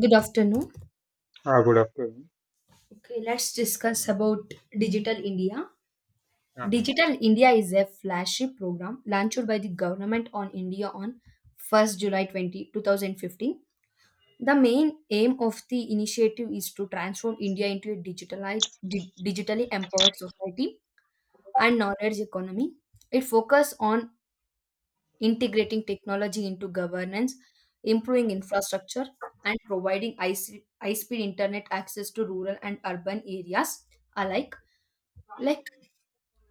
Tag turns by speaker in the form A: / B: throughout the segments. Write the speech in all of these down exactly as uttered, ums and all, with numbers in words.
A: Good afternoon.
B: Ah, good afternoon.
A: Okay, let's discuss about Digital India.
B: Yeah.
A: Digital India is a flagship program launched by the government on India on first July twenty two thousand fifteen. The main aim of the initiative is to transform India into a digitalized, di- digitally empowered society and knowledge economy. It focuses on integrating technology into governance, improving infrastructure, and providing high se- high speed internet access to rural and urban areas alike. Like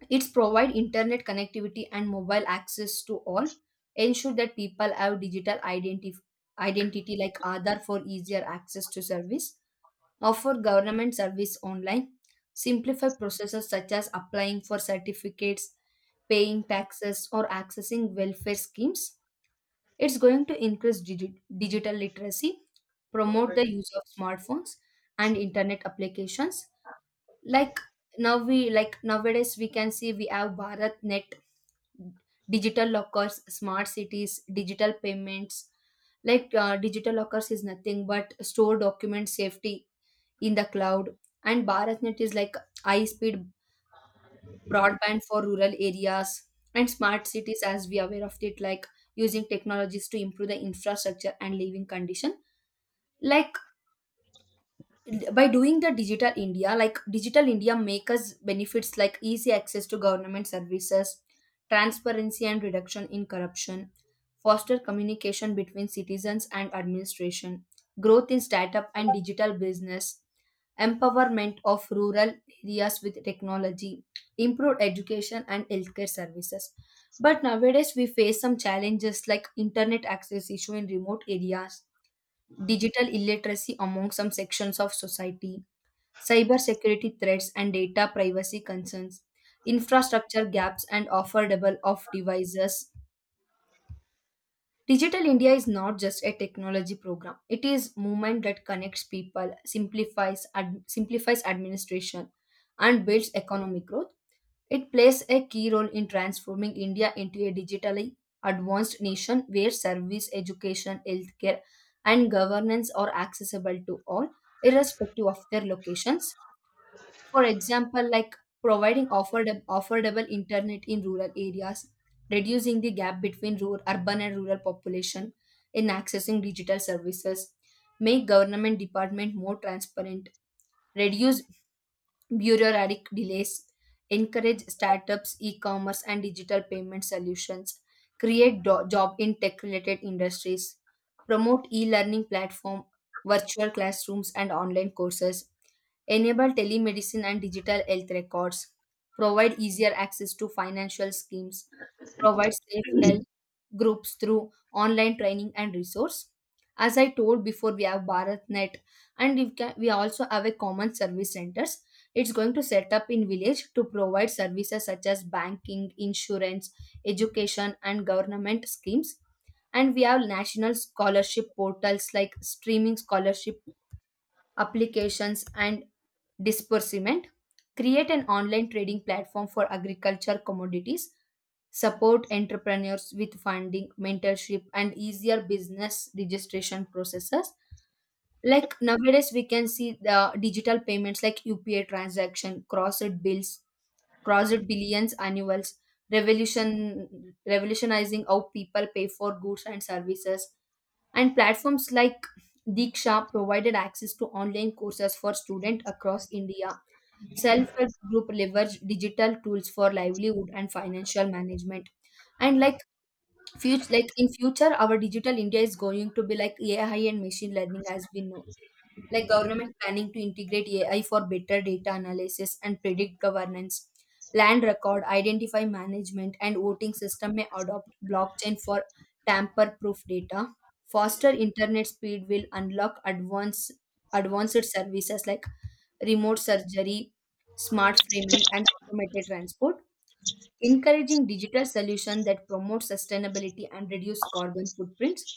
A: it's provide internet connectivity and mobile access to all, ensure that people have digital identif- identity like Aadhaar for easier access to service, offer government service online, simplify processes such as applying for certificates, paying taxes, or accessing welfare schemes. It's going to increase digi- digital literacy, promote the use of smartphones and internet applications. Like now we like nowadays we can see we have Bharat Net, digital lockers, smart cities, digital payments. Like uh, digital lockers is nothing but store document safety in the cloud, and BharatNet is like high speed broadband for rural areas, and smart cities, as we are aware of it, like using technologies to improve the infrastructure and living condition. Like by doing the digital india like digital india make us benefits like easy access to government services, transparency and reduction in corruption, foster communication between citizens and administration, growth in startup and digital business, empowerment of rural areas with technology, improved education and healthcare services. But nowadays we face some challenges like internet access issue in remote areas, digital illiteracy among some sections of society, cybersecurity threats and data privacy concerns, infrastructure gaps and affordable of devices. Digital India is not just a technology program. It is movement that connects people, simplifies ad- simplifies administration and builds economic growth. It plays a key role in transforming India into a digitally advanced nation where service, education, healthcare, and governance are accessible to all, irrespective of their locations. For example, like providing affordable, affordable internet in rural areas, reducing the gap between rural, urban and rural population in accessing digital services, make government department more transparent, reduce bureaucratic delays, encourage startups, e-commerce, and digital payment solutions, create do- job in tech-related industries, promote e-learning platform, virtual classrooms, and online courses, enable telemedicine and digital health records, provide easier access to financial schemes, provide safe health groups through online training and resource. As I told before, we have BharatNet, and we, can, we also have a common service centers. It's going to set up in village to provide services such as banking, insurance, education and government schemes. And we have national scholarship portals like streaming scholarship applications and disbursement, create an online trading platform for agriculture commodities, support entrepreneurs with funding, mentorship, and easier business registration processes. Like nowadays we can see the digital payments like upa transaction crossed bills crossed billions annuals revolution revolutionizing how people pay for goods and services, and platforms like Diksha provided access to online courses for students across India. Self help group leverage digital tools for livelihood and financial management. And like future, like in future, our digital India is going to be like A I and machine learning. As we know, like government planning to integrate A I for better data analysis and predict governance. Land record, identify management, and voting system may adopt blockchain for tamper proof data. Faster internet speed will unlock advanced advanced services like remote surgery, smart framing, and automated transport, encouraging digital solutions that promote sustainability and reduce carbon footprints,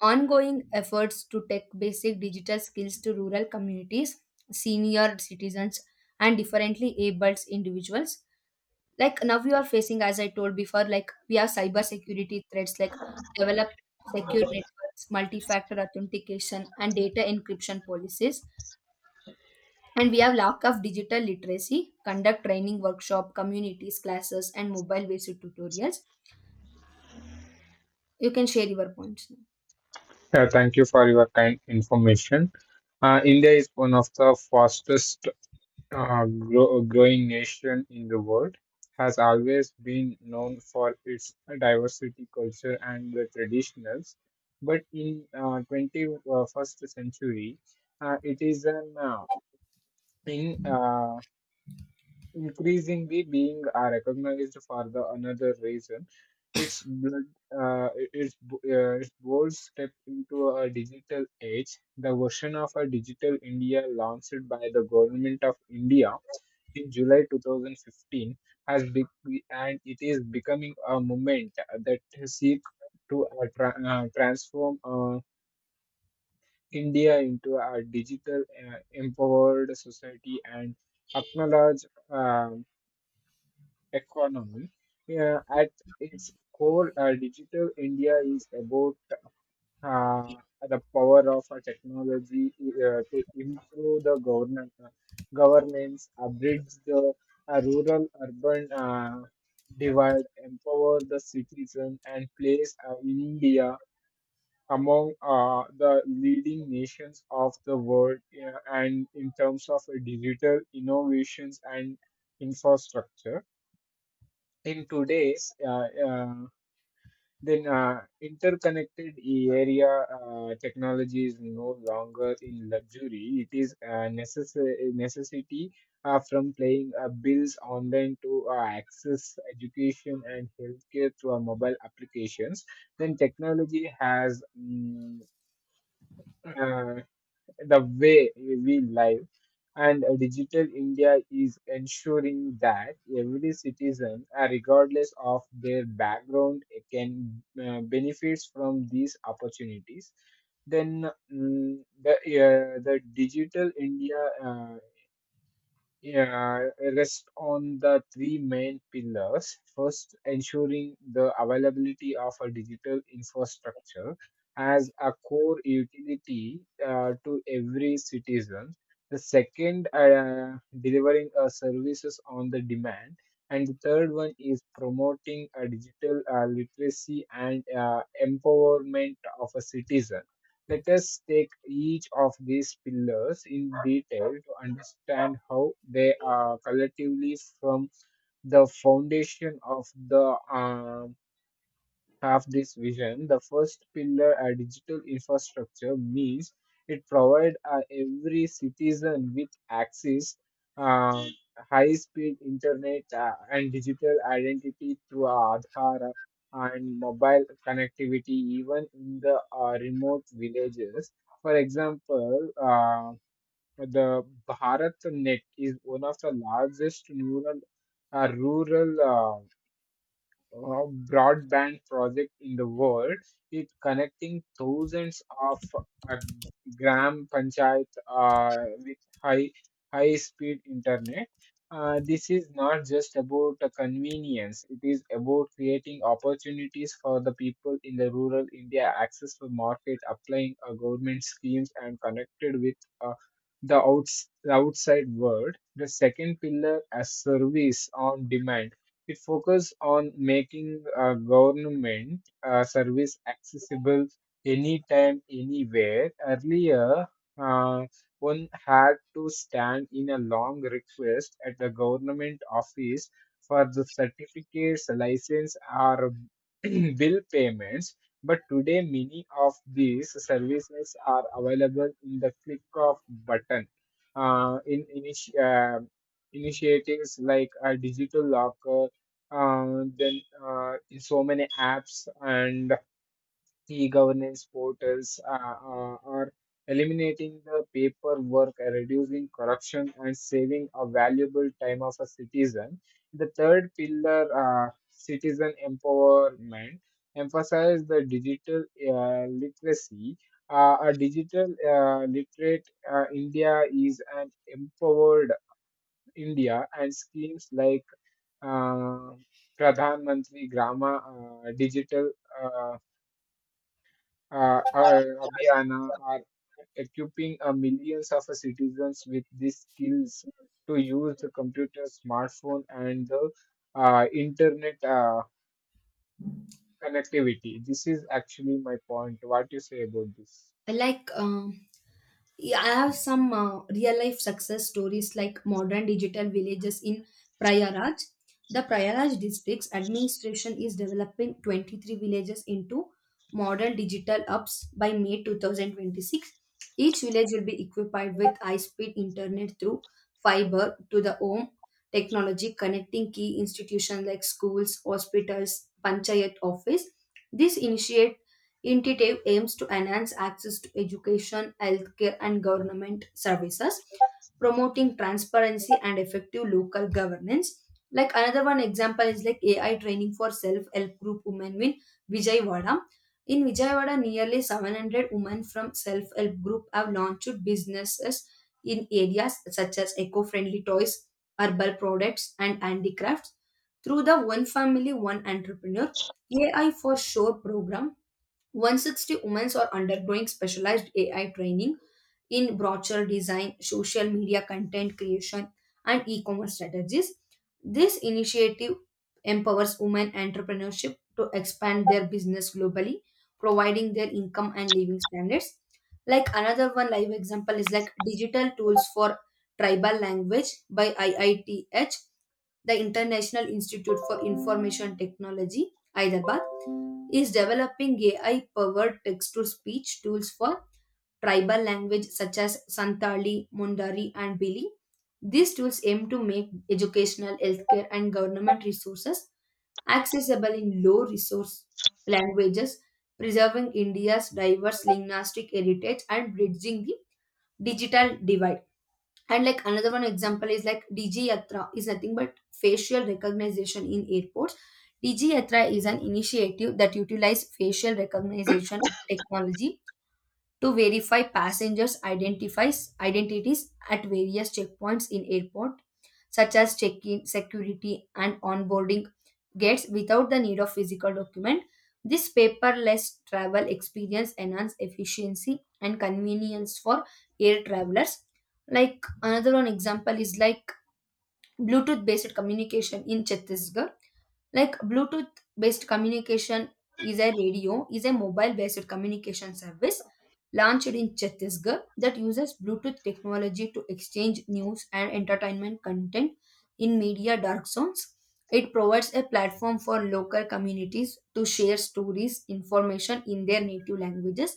A: ongoing efforts to take basic digital skills to rural communities, senior citizens, and differently abled individuals. Like now, we are facing, as I told before, like we have cyber security threats, like develop secure networks, multi factor authentication, and data encryption policies. And we have lack of digital literacy, conduct training workshop, communities, classes, and mobile based tutorials. You can share your points now.
B: Yeah, thank you for your kind information. Uh, India is one of the fastest uh, grow- growing nation in the world. Has always been known for its diversity, culture, and the traditionals. But in uh, twenty-first century, uh, it is an uh, in. Uh, increasingly being are recognized for the another reason. It's blood, uh, it- it's bo- uh, it's bold step into a digital age. The version of a digital India launched by the government of India in July twenty fifteen has be- and it is becoming a movement that seek to uh, tra- uh, transform uh, India into a digital uh, empowered society and acknowledge uh, economy. Uh, at its core, uh, Digital India is about uh, the power of uh, technology uh, to improve the governance, uh, governance, uh, bridge the uh, rural-urban uh, divide, empower the citizen, and place uh, India among uh, the leading nations of the world uh, and in terms of uh, digital innovations and infrastructure. In today's uh, uh, then uh, interconnected area, uh, technology is no longer in luxury, it is a necess- necessity. Uh, from paying uh, bills online to uh, access education and healthcare through our mobile applications, then technology has mm, uh, the way we live, and uh, digital India is ensuring that every citizen, uh, regardless of their background, uh, can uh, benefit from these opportunities. Then mm, the uh, the digital India, uh, yeah, rest on the three main pillars. First, ensuring the availability of a digital infrastructure as a core utility uh, to every citizen. The second, uh, delivering uh, services on the demand. And the third one is promoting a digital uh, literacy and uh, empowerment of a citizen. Let us take each of these pillars in detail to understand how they are collectively from the foundation of the uh, have this vision, the first pillar, a digital infrastructure, means it provides uh, every citizen with access, uh, high-speed internet, uh, and digital identity through Aadhaar and mobile connectivity, even in the uh, remote villages. For example, uh, the BharatNet is one of the largest neural, uh, rural. uh, uh, broadband project in the world. It's connecting thousands of uh, gram panchayat uh, with high high speed internet. Uh, this is not just about the convenience. It is about creating opportunities for the people in the rural India, access to market, applying uh, government schemes, and connected with uh, the outs- outside world. The second pillar, as service on demand, it focuses on making uh, government uh, service accessible anytime, anywhere. Earlier, uh, one had to stand in a long request at the government office for the certificates, license, or bill payments. But today, many of these services are available in the click of button. Uh, in initi- uh, initiatives like a digital locker, uh, then uh, so many apps and e-governance portals uh, uh, are eliminating the paperwork, uh, reducing corruption, and saving a valuable time of a citizen. The third pillar, uh, citizen empowerment, emphasizes the digital uh, literacy. Uh, a digital uh, literate uh, India is an empowered India, and schemes like uh, Pradhan Mantri Grama uh, Digital uh, uh, uh, Abhiyana are equipping uh, millions of citizens with these skills to use the computer, smartphone, and the uh, internet uh, connectivity. This is actually my point. What you say about this?
A: Like, um, Yeah, I have some uh, real life success stories like modern digital villages in Prayaraj. The Prayaraj district's administration is developing twenty-three villages into modern digital hubs by May two thousand twenty-six. Each village will be equipped with high speed internet through fiber to the home technology, connecting key institutions like schools, hospitals, panchayat office. This initiate Initiative aims to enhance access to education, healthcare, and government services, promoting transparency and effective local governance. Like another one example is like A I training for self-help group women in Vijayawada. In Vijayawada, nearly seven hundred women from self-help group have launched businesses in areas such as eco-friendly toys, herbal products, and handicrafts. Through the One Family One Entrepreneur A I for Sure program, one hundred sixty women are undergoing specialized A I training in brochure design, social media content creation, and e commerce strategies. This initiative empowers women entrepreneurship to expand their business globally, providing their income and living standards. Like another one live example is like digital tools for tribal language by I I T H, the International Institute for Information Technology, Hyderabad, is developing A I powered text to speech tools for tribal language such as Santali, Mundari, and Bili. These tools aim to make educational, healthcare, and government resources accessible in low resource languages, preserving India's diverse linguistic heritage and bridging the digital divide. And like another one example is like D G Yatra is nothing but facial recognition in airports. D G Yatra is an initiative that utilizes facial recognition technology to verify passengers' identifies identities at various checkpoints in airport, such as check-in, security, and onboarding gates without the need of physical document. This paperless travel experience enhances efficiency and convenience for air travelers. Like another one example is like Bluetooth based communication in Chhattisgarh. Like Bluetooth based communication is a radio, is a mobile based communication service launched in Chhattisgarh that uses Bluetooth technology to exchange news and entertainment content in media dark zones. It provides a platform for local communities to share stories, information in their native languages,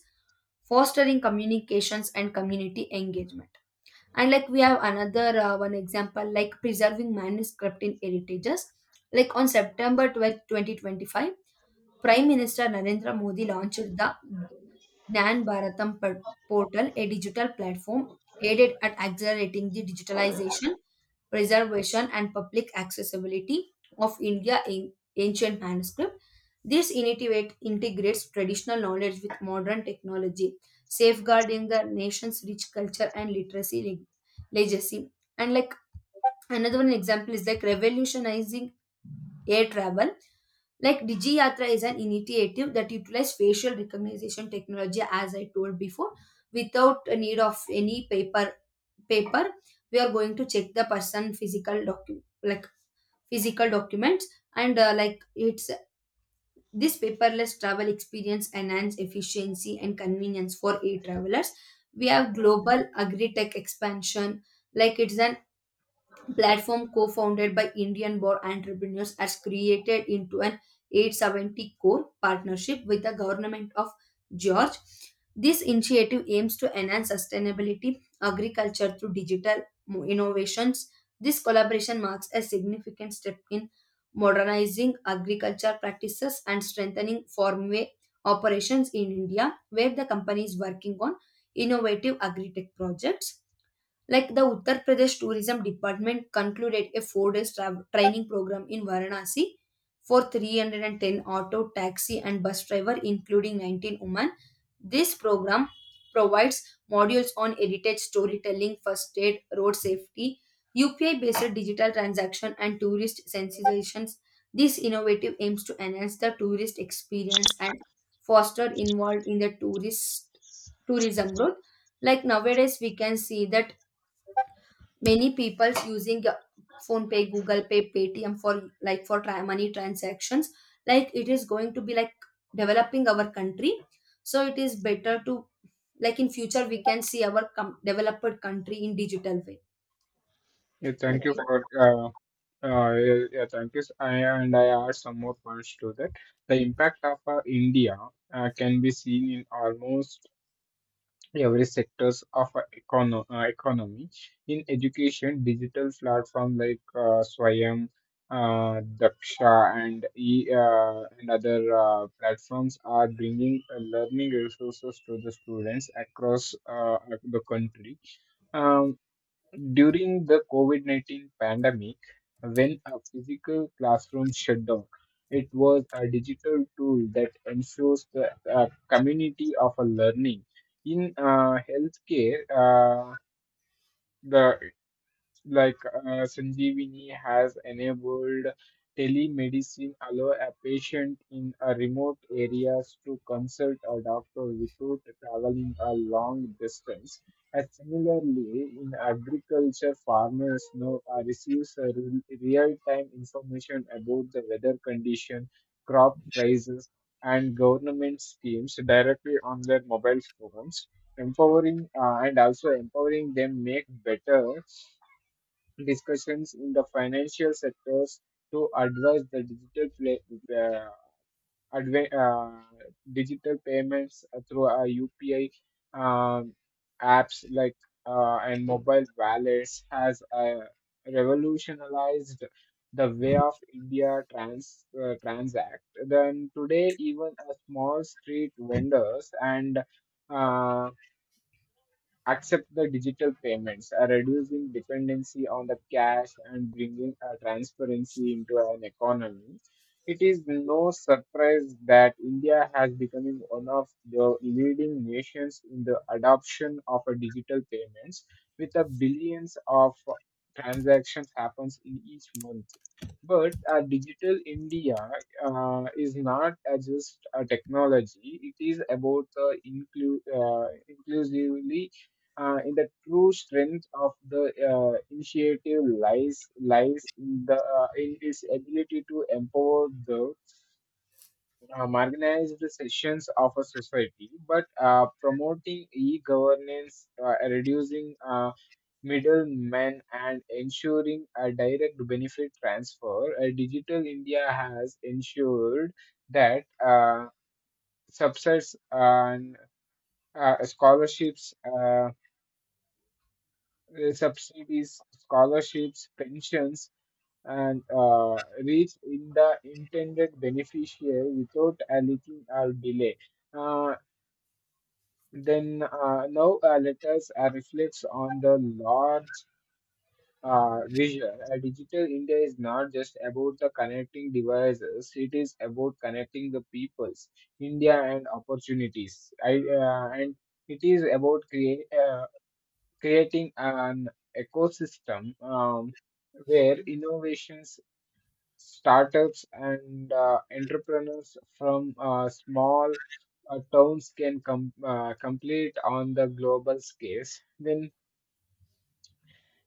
A: fostering communications and community engagement. And like we have another uh, one example like preserving manuscript in heritages, like on September twelfth twenty twenty-five, prime minister Narendra Modi launched the gnan bharatam por- portal, a digital platform aided at accelerating the digitalization, preservation and public accessibility of India in ancient manuscript. This initiative integrates traditional knowledge with modern technology, safeguarding the nation's rich culture and literacy leg- legacy. And like another one example is like revolutionizing air travel. Like Digi Yatra is an initiative that utilizes facial recognition technology, as I told before, without a need of any paper paper. We are going to check the person physical docu like physical documents. And uh, like it's This paperless travel experience enhance efficiency and convenience for e-travelers. We have global agri-tech expansion, like it's an platform co-founded by Indian born entrepreneurs, has created into an eight hundred seventy core partnership with the government of George. This initiative aims to enhance sustainability agriculture through digital mo- innovations. This collaboration marks a significant step in modernizing agriculture practices and strengthening farmway operations in India, where the company is working on innovative agri-tech projects. Like the Uttar Pradesh Tourism Department concluded a four day training program in Varanasi for three hundred ten auto, taxi, and bus driver, including nineteen women. This program provides modules on heritage storytelling, first aid, road safety, U P I based digital transaction, and tourist sensitizations. This innovative aims to enhance the tourist experience and foster involved in the tourist tourism growth. Like nowadays we can see that many people using uh, phone pay, google pay, paytm for like for try money transactions. Like it is going to be like developing our country, so it is better to, like, in future we can see our com- developed country in digital way.
B: Yeah,
A: like
B: thank you for uh, uh, yeah, yeah, thank you. I, and I add some more points to that. The impact of uh, India uh, can be seen in almost every sectors of our econo- uh, economy in education digital platform like uh, Swayam, uh, Daksha and e uh, and other uh, platforms are bringing uh, learning resources to the students across uh, the country. Um, During the COVID nineteen pandemic, when a physical classroom shut down, it was a digital tool that ensures the uh, community of a learning. In uh, healthcare, uh, the like uh, Sanjeevani has enabled telemedicine allow a patient in a remote areas to consult a doctor without traveling a long distance. And similarly, in agriculture, farmers now uh, receives a real- real-time information about the weather condition, crop prices, and government schemes directly on their mobile phones, empowering uh, and also empowering them make better discussions in the financial sectors to address the digital play, uh, adva- uh, digital payments through uh, U P I, um, apps like uh, and mobile wallets has uh, revolutionized the way of India trans uh, transact. Then today, even a small street vendors and uh, accept the digital payments, uh, reducing dependency on the cash and bringing uh, transparency into an economy. It is no surprise that India has become one of the leading nations in the adoption of a digital payments, with a billions of transactions happens in each month. But uh, digital India uh, is not uh, just a technology; it is about the inclu- uh, inclusively uh, in the true strength of the uh, initiative lies lies in the uh, in its ability to empower the uh, marginalized sections of a society. But uh, promoting e-governance, uh, reducing uh, middlemen, and ensuring a direct benefit transfer, uh, Digital India has ensured that uh, subsidies and uh, scholarships. Uh, uh, subsidies, scholarships, pensions, and uh, reach in the intended beneficiary without a leaking or delay. Uh, then uh, Now uh, let us uh, reflect on the large uh, vision. Uh, Digital India is not just about the connecting devices; it is about connecting the peoples, India, and opportunities. I uh, and it is about create. Uh, creating an ecosystem, um, where innovations, startups, and uh, entrepreneurs from uh, small uh, towns can com- uh, complete on the global scale. Then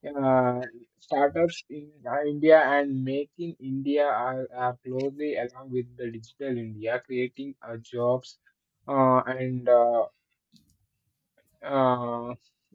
B: uh, startups in uh, India and making India are, are closely along with the digital India, creating uh, jobs. uh, and uh, Uh,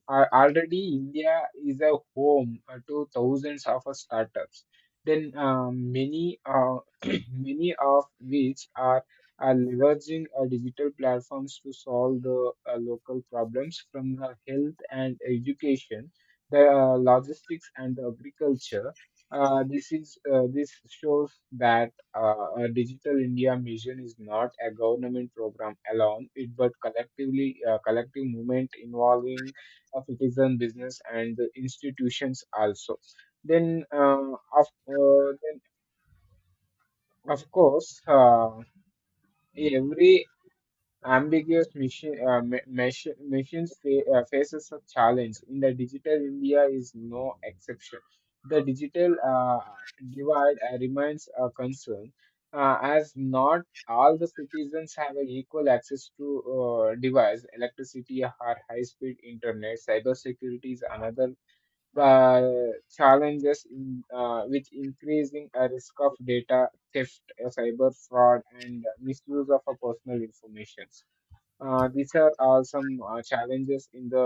B: al- Already India is a home uh, to thousands of uh, startups. Then uh, many uh, many of which are, are leveraging uh, digital platforms to solve the uh, local problems from uh, health and education, the uh, logistics and agriculture. Uh, this is uh, this shows that uh, a digital india mission is not a government program alone, it but collectively uh, collective movement involving uh, citizen business and the institutions also. Then uh, of uh, then of course, uh, every ambiguous mission, uh, mi- mission, missions fa- uh, faces a challenge. In the digital India is no exception. The digital uh, divide uh, remains a concern, uh, as not all the citizens have an equal access to uh, device, electricity, or high-speed internet. Cybersecurity is another uh, challenges in uh, with increasing a risk of data theft, uh, cyber fraud, and misuse of uh, personal information. Uh, these are uh, some uh, challenges in the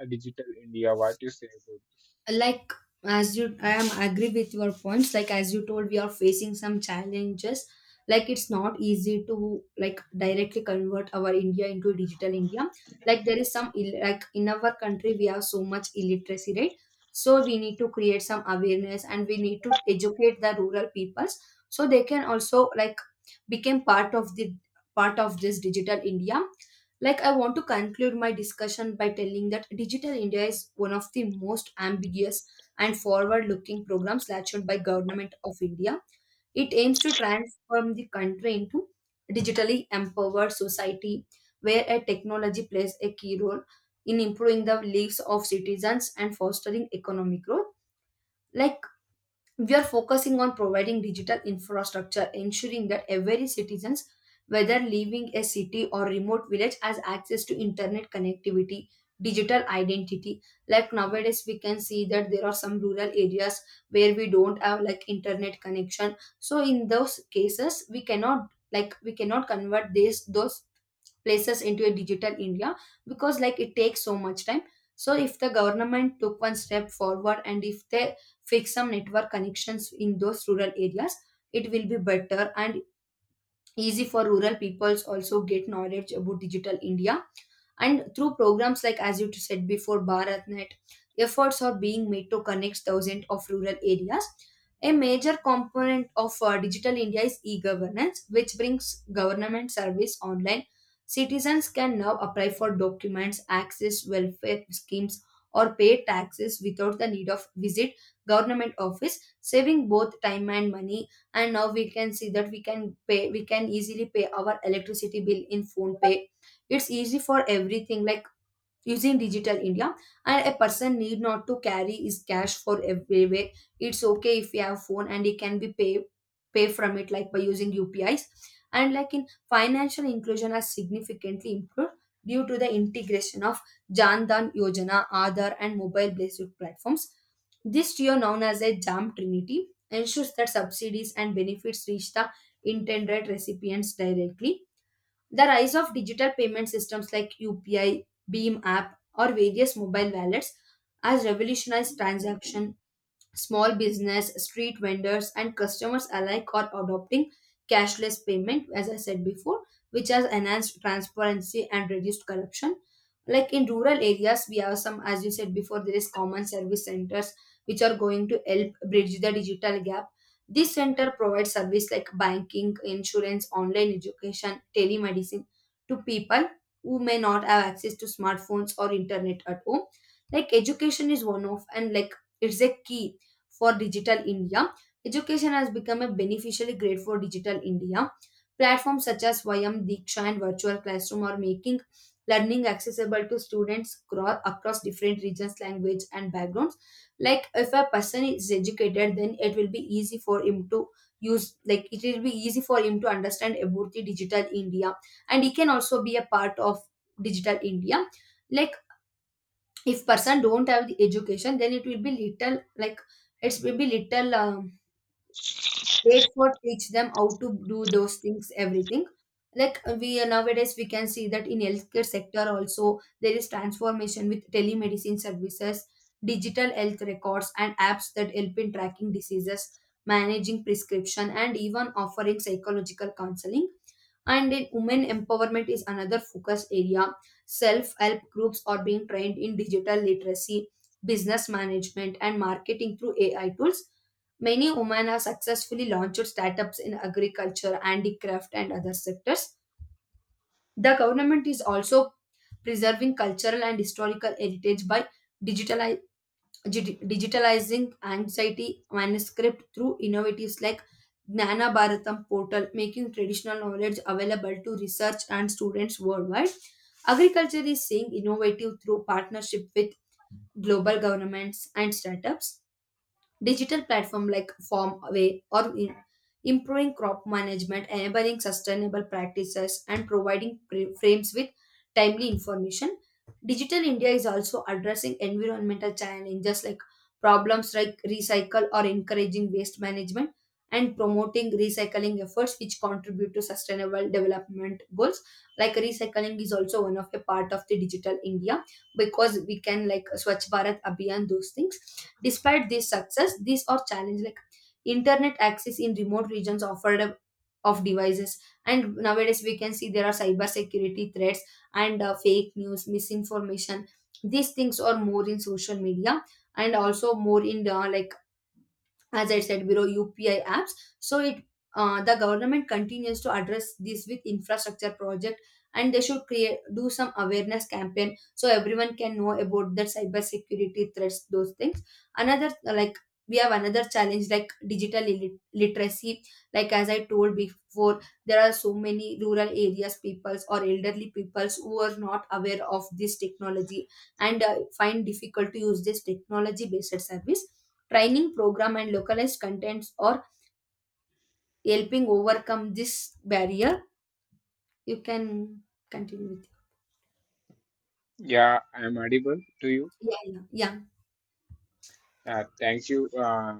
B: uh, digital India. What you say? About?
A: like as you I am agree with your points, like as you told, we are facing some challenges, like it's not easy to like directly convert our india into digital india. Like there is some ill- like in our country we have so much illiteracy, right? So we need to create some awareness and we need to educate the rural peoples, so they can also like become part of the part of this digital india. Like, I want to conclude my discussion by telling that Digital India is one of the most ambiguous and forward looking programs launched by government of India. It aims to transform the country into digitally empowered society where a technology plays a key role in improving the lives of citizens and fostering economic growth. Like we are focusing on providing digital infrastructure, ensuring that every citizens, whether living a city or remote village, has access to internet connectivity, digital identity. Like nowadays we can see that there are some rural areas where we don't have like internet connection, so in those cases we cannot like we cannot convert these those places into a digital India because like it takes so much time. So if the government took one step forward and if they fix some network connections in those rural areas, it will be better and easy for rural peoples also get knowledge about Digital India, and through programs like, as you said before, BharatNet, efforts are being made to connect thousands of rural areas. A major component of uh, Digital India is e governance, which brings government service online. Citizens can now apply for documents, access welfare schemes, or pay taxes without the need of visit government office, saving both time and money. And now we can see that we can pay we can easily pay our electricity bill in phone pay. It's easy for everything like using digital india, and a person need not to carry his cash for everywhere. It's okay if you have phone and he can be pay pay from it like by using upis. And like in financial inclusion has significantly improved due to the integration of Jan Dhan yojana aadhar and mobile based platforms. This tier known as a jam trinity ensures that subsidies and benefits reach the intended recipients directly. The rise of digital payment systems like U P I, Beam app, or various mobile wallets has revolutionized transaction. Small business, street vendors, and customers alike are adopting cashless payment, as I said before, which has enhanced transparency and reduced corruption. Like in rural areas, we have some, as you said before, there is common service centers which are going to help bridge the digital gap. This center provides service like banking, insurance, online education, telemedicine to people who may not have access to smartphones or internet at home. Like education is one of, and like it's a key for Digital India. Education has become a beneficially great for Digital India. Platforms such as Vyam Diksha and Virtual Classroom are making learning accessible to students cro- across different regions, language, and backgrounds. Like if a person is educated, then it will be easy for him to use, like it will be easy for him to understand about the digital india, and he can also be a part of digital india. Like if person don't have the education, then it will be little like it will be little um, late for teach them how to do those things everything. Like uh, we uh, nowadays we can see that in healthcare sector also there is transformation with telemedicine services, digital health records and apps that help in tracking diseases, managing prescription and even offering psychological counseling. And in women empowerment is another focus area. Self help groups are being trained in digital literacy, business management and marketing through AI tools. Many women have successfully launched startups in agriculture, handicraft and other sectors. The government is also preserving cultural and historical heritage by digitalizing, Digi- digitalizing anxiety manuscript through innovatives like Gnana Bharatam portal, making traditional knowledge available to research and students worldwide. Agriculture is seeing innovative through partnership with global governments and startups. Digital platform like farmway or in- improving crop management, enabling sustainable practices and providing pre- frames with timely information. Digital india is also addressing environmental challenges like problems like recycle or encouraging waste management and promoting recycling efforts which contribute to sustainable development goals. Like recycling is also one of a part of the digital india because we can like swachh bharat abhiyan those things. Despite this success, these are challenges like internet access in remote regions offered up of devices. And nowadays we can see there are cyber security threats and uh, fake news misinformation. These things are more in social media and also more in the like, as I said below, U P I apps. So it uh, the government continues to address this with infrastructure project, and they should create do some awareness campaign so everyone can know about the cyber security threats those things. Another like we have another challenge like digital illit- literacy, like as I told before, there are so many rural areas peoples or elderly peoples who are not aware of this technology and uh, find difficult to use this technology based service. Training program and localized contents are helping overcome this barrier. You can continue with it.
B: Yeah, I am audible to you.
A: Yeah, yeah, yeah.
B: Uh, thank you. Uh,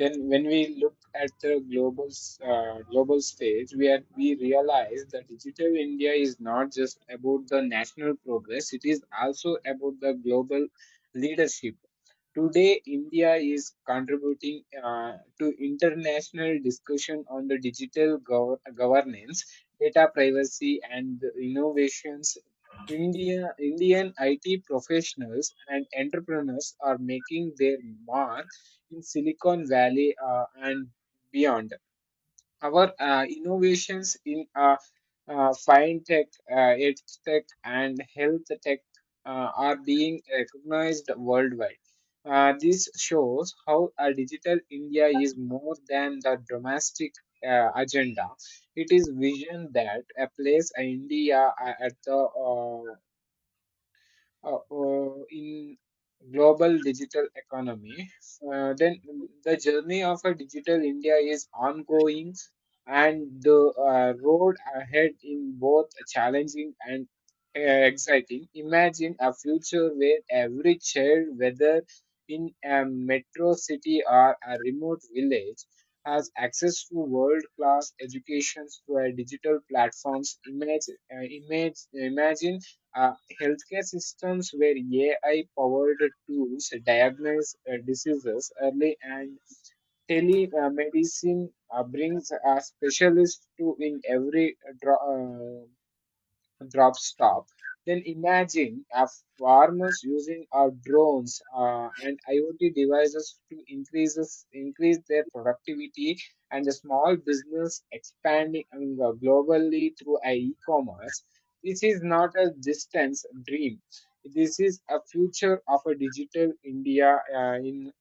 B: Then, when we look at the global s- uh, global stage, we are, we realize that digital India is not just about the national progress; it is also about the global leadership. Today, India is contributing uh, to international discussion on the digital gov- governance, data privacy, and the innovations. India, Indian I T professionals and entrepreneurs are making their mark in Silicon Valley uh, and beyond. Our uh, innovations in uh, uh, fintech, uh, edtech, and health tech uh, are being recognized worldwide. Uh, this shows how uh, digital India is more than the domestic uh, agenda. It is vision that uh, place uh, India uh, at the uh, uh, uh, in global digital economy, uh, then the journey of a digital India is ongoing, and the uh, road ahead in both challenging and uh, exciting. Imagine a future where every child, whether in a metro city or a remote village, has access to world-class education through a digital platforms. Image, uh, image, imagine uh, healthcare systems where A I powered tools diagnose uh, diseases early and telemedicine uh, brings a specialist to in every uh, dro- uh, drop stop. Then imagine our farmers using our drones uh, and I o T devices to increases, increase their productivity and the small business expanding um, globally through our e-commerce. This is not a distance dream. This is a future of a digital India uh, in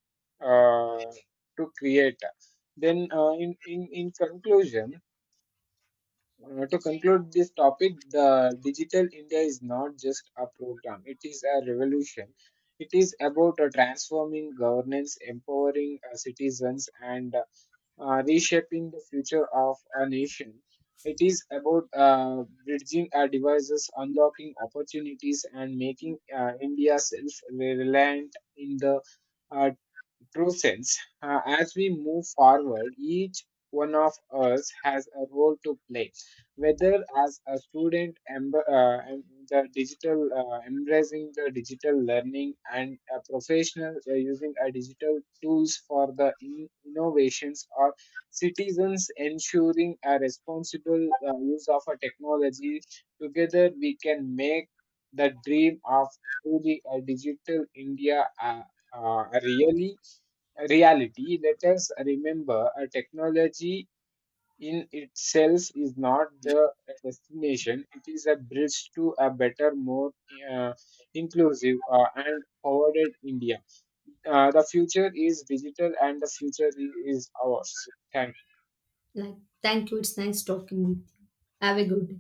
B: uh, to create. Then, uh, in, in, in conclusion, uh, to conclude this topic, the digital India is not just a program, it is a revolution. It is about uh, transforming governance, empowering uh, citizens, and uh, reshaping the future of a nation. It is about uh, bridging our devices, unlocking opportunities, and making uh, India self reliant in the uh, true sense. Uh, as we move forward, each one of us has a role to play, whether as a student, emb- uh, em- the digital uh, embracing the digital learning, and a professional uh, using a digital tools for the in- innovations, or citizens ensuring a responsible uh, use of a technology. Together, we can make the dream of truly a digital India. Uh, uh, really Reality, let us remember a technology in itself is not the destination, it is a bridge to a better, more uh, inclusive uh, and forwarded India. Uh, the future is digital and the future i- is ours. Thank
A: Like thank you, it's nice talking with you. Have a good day.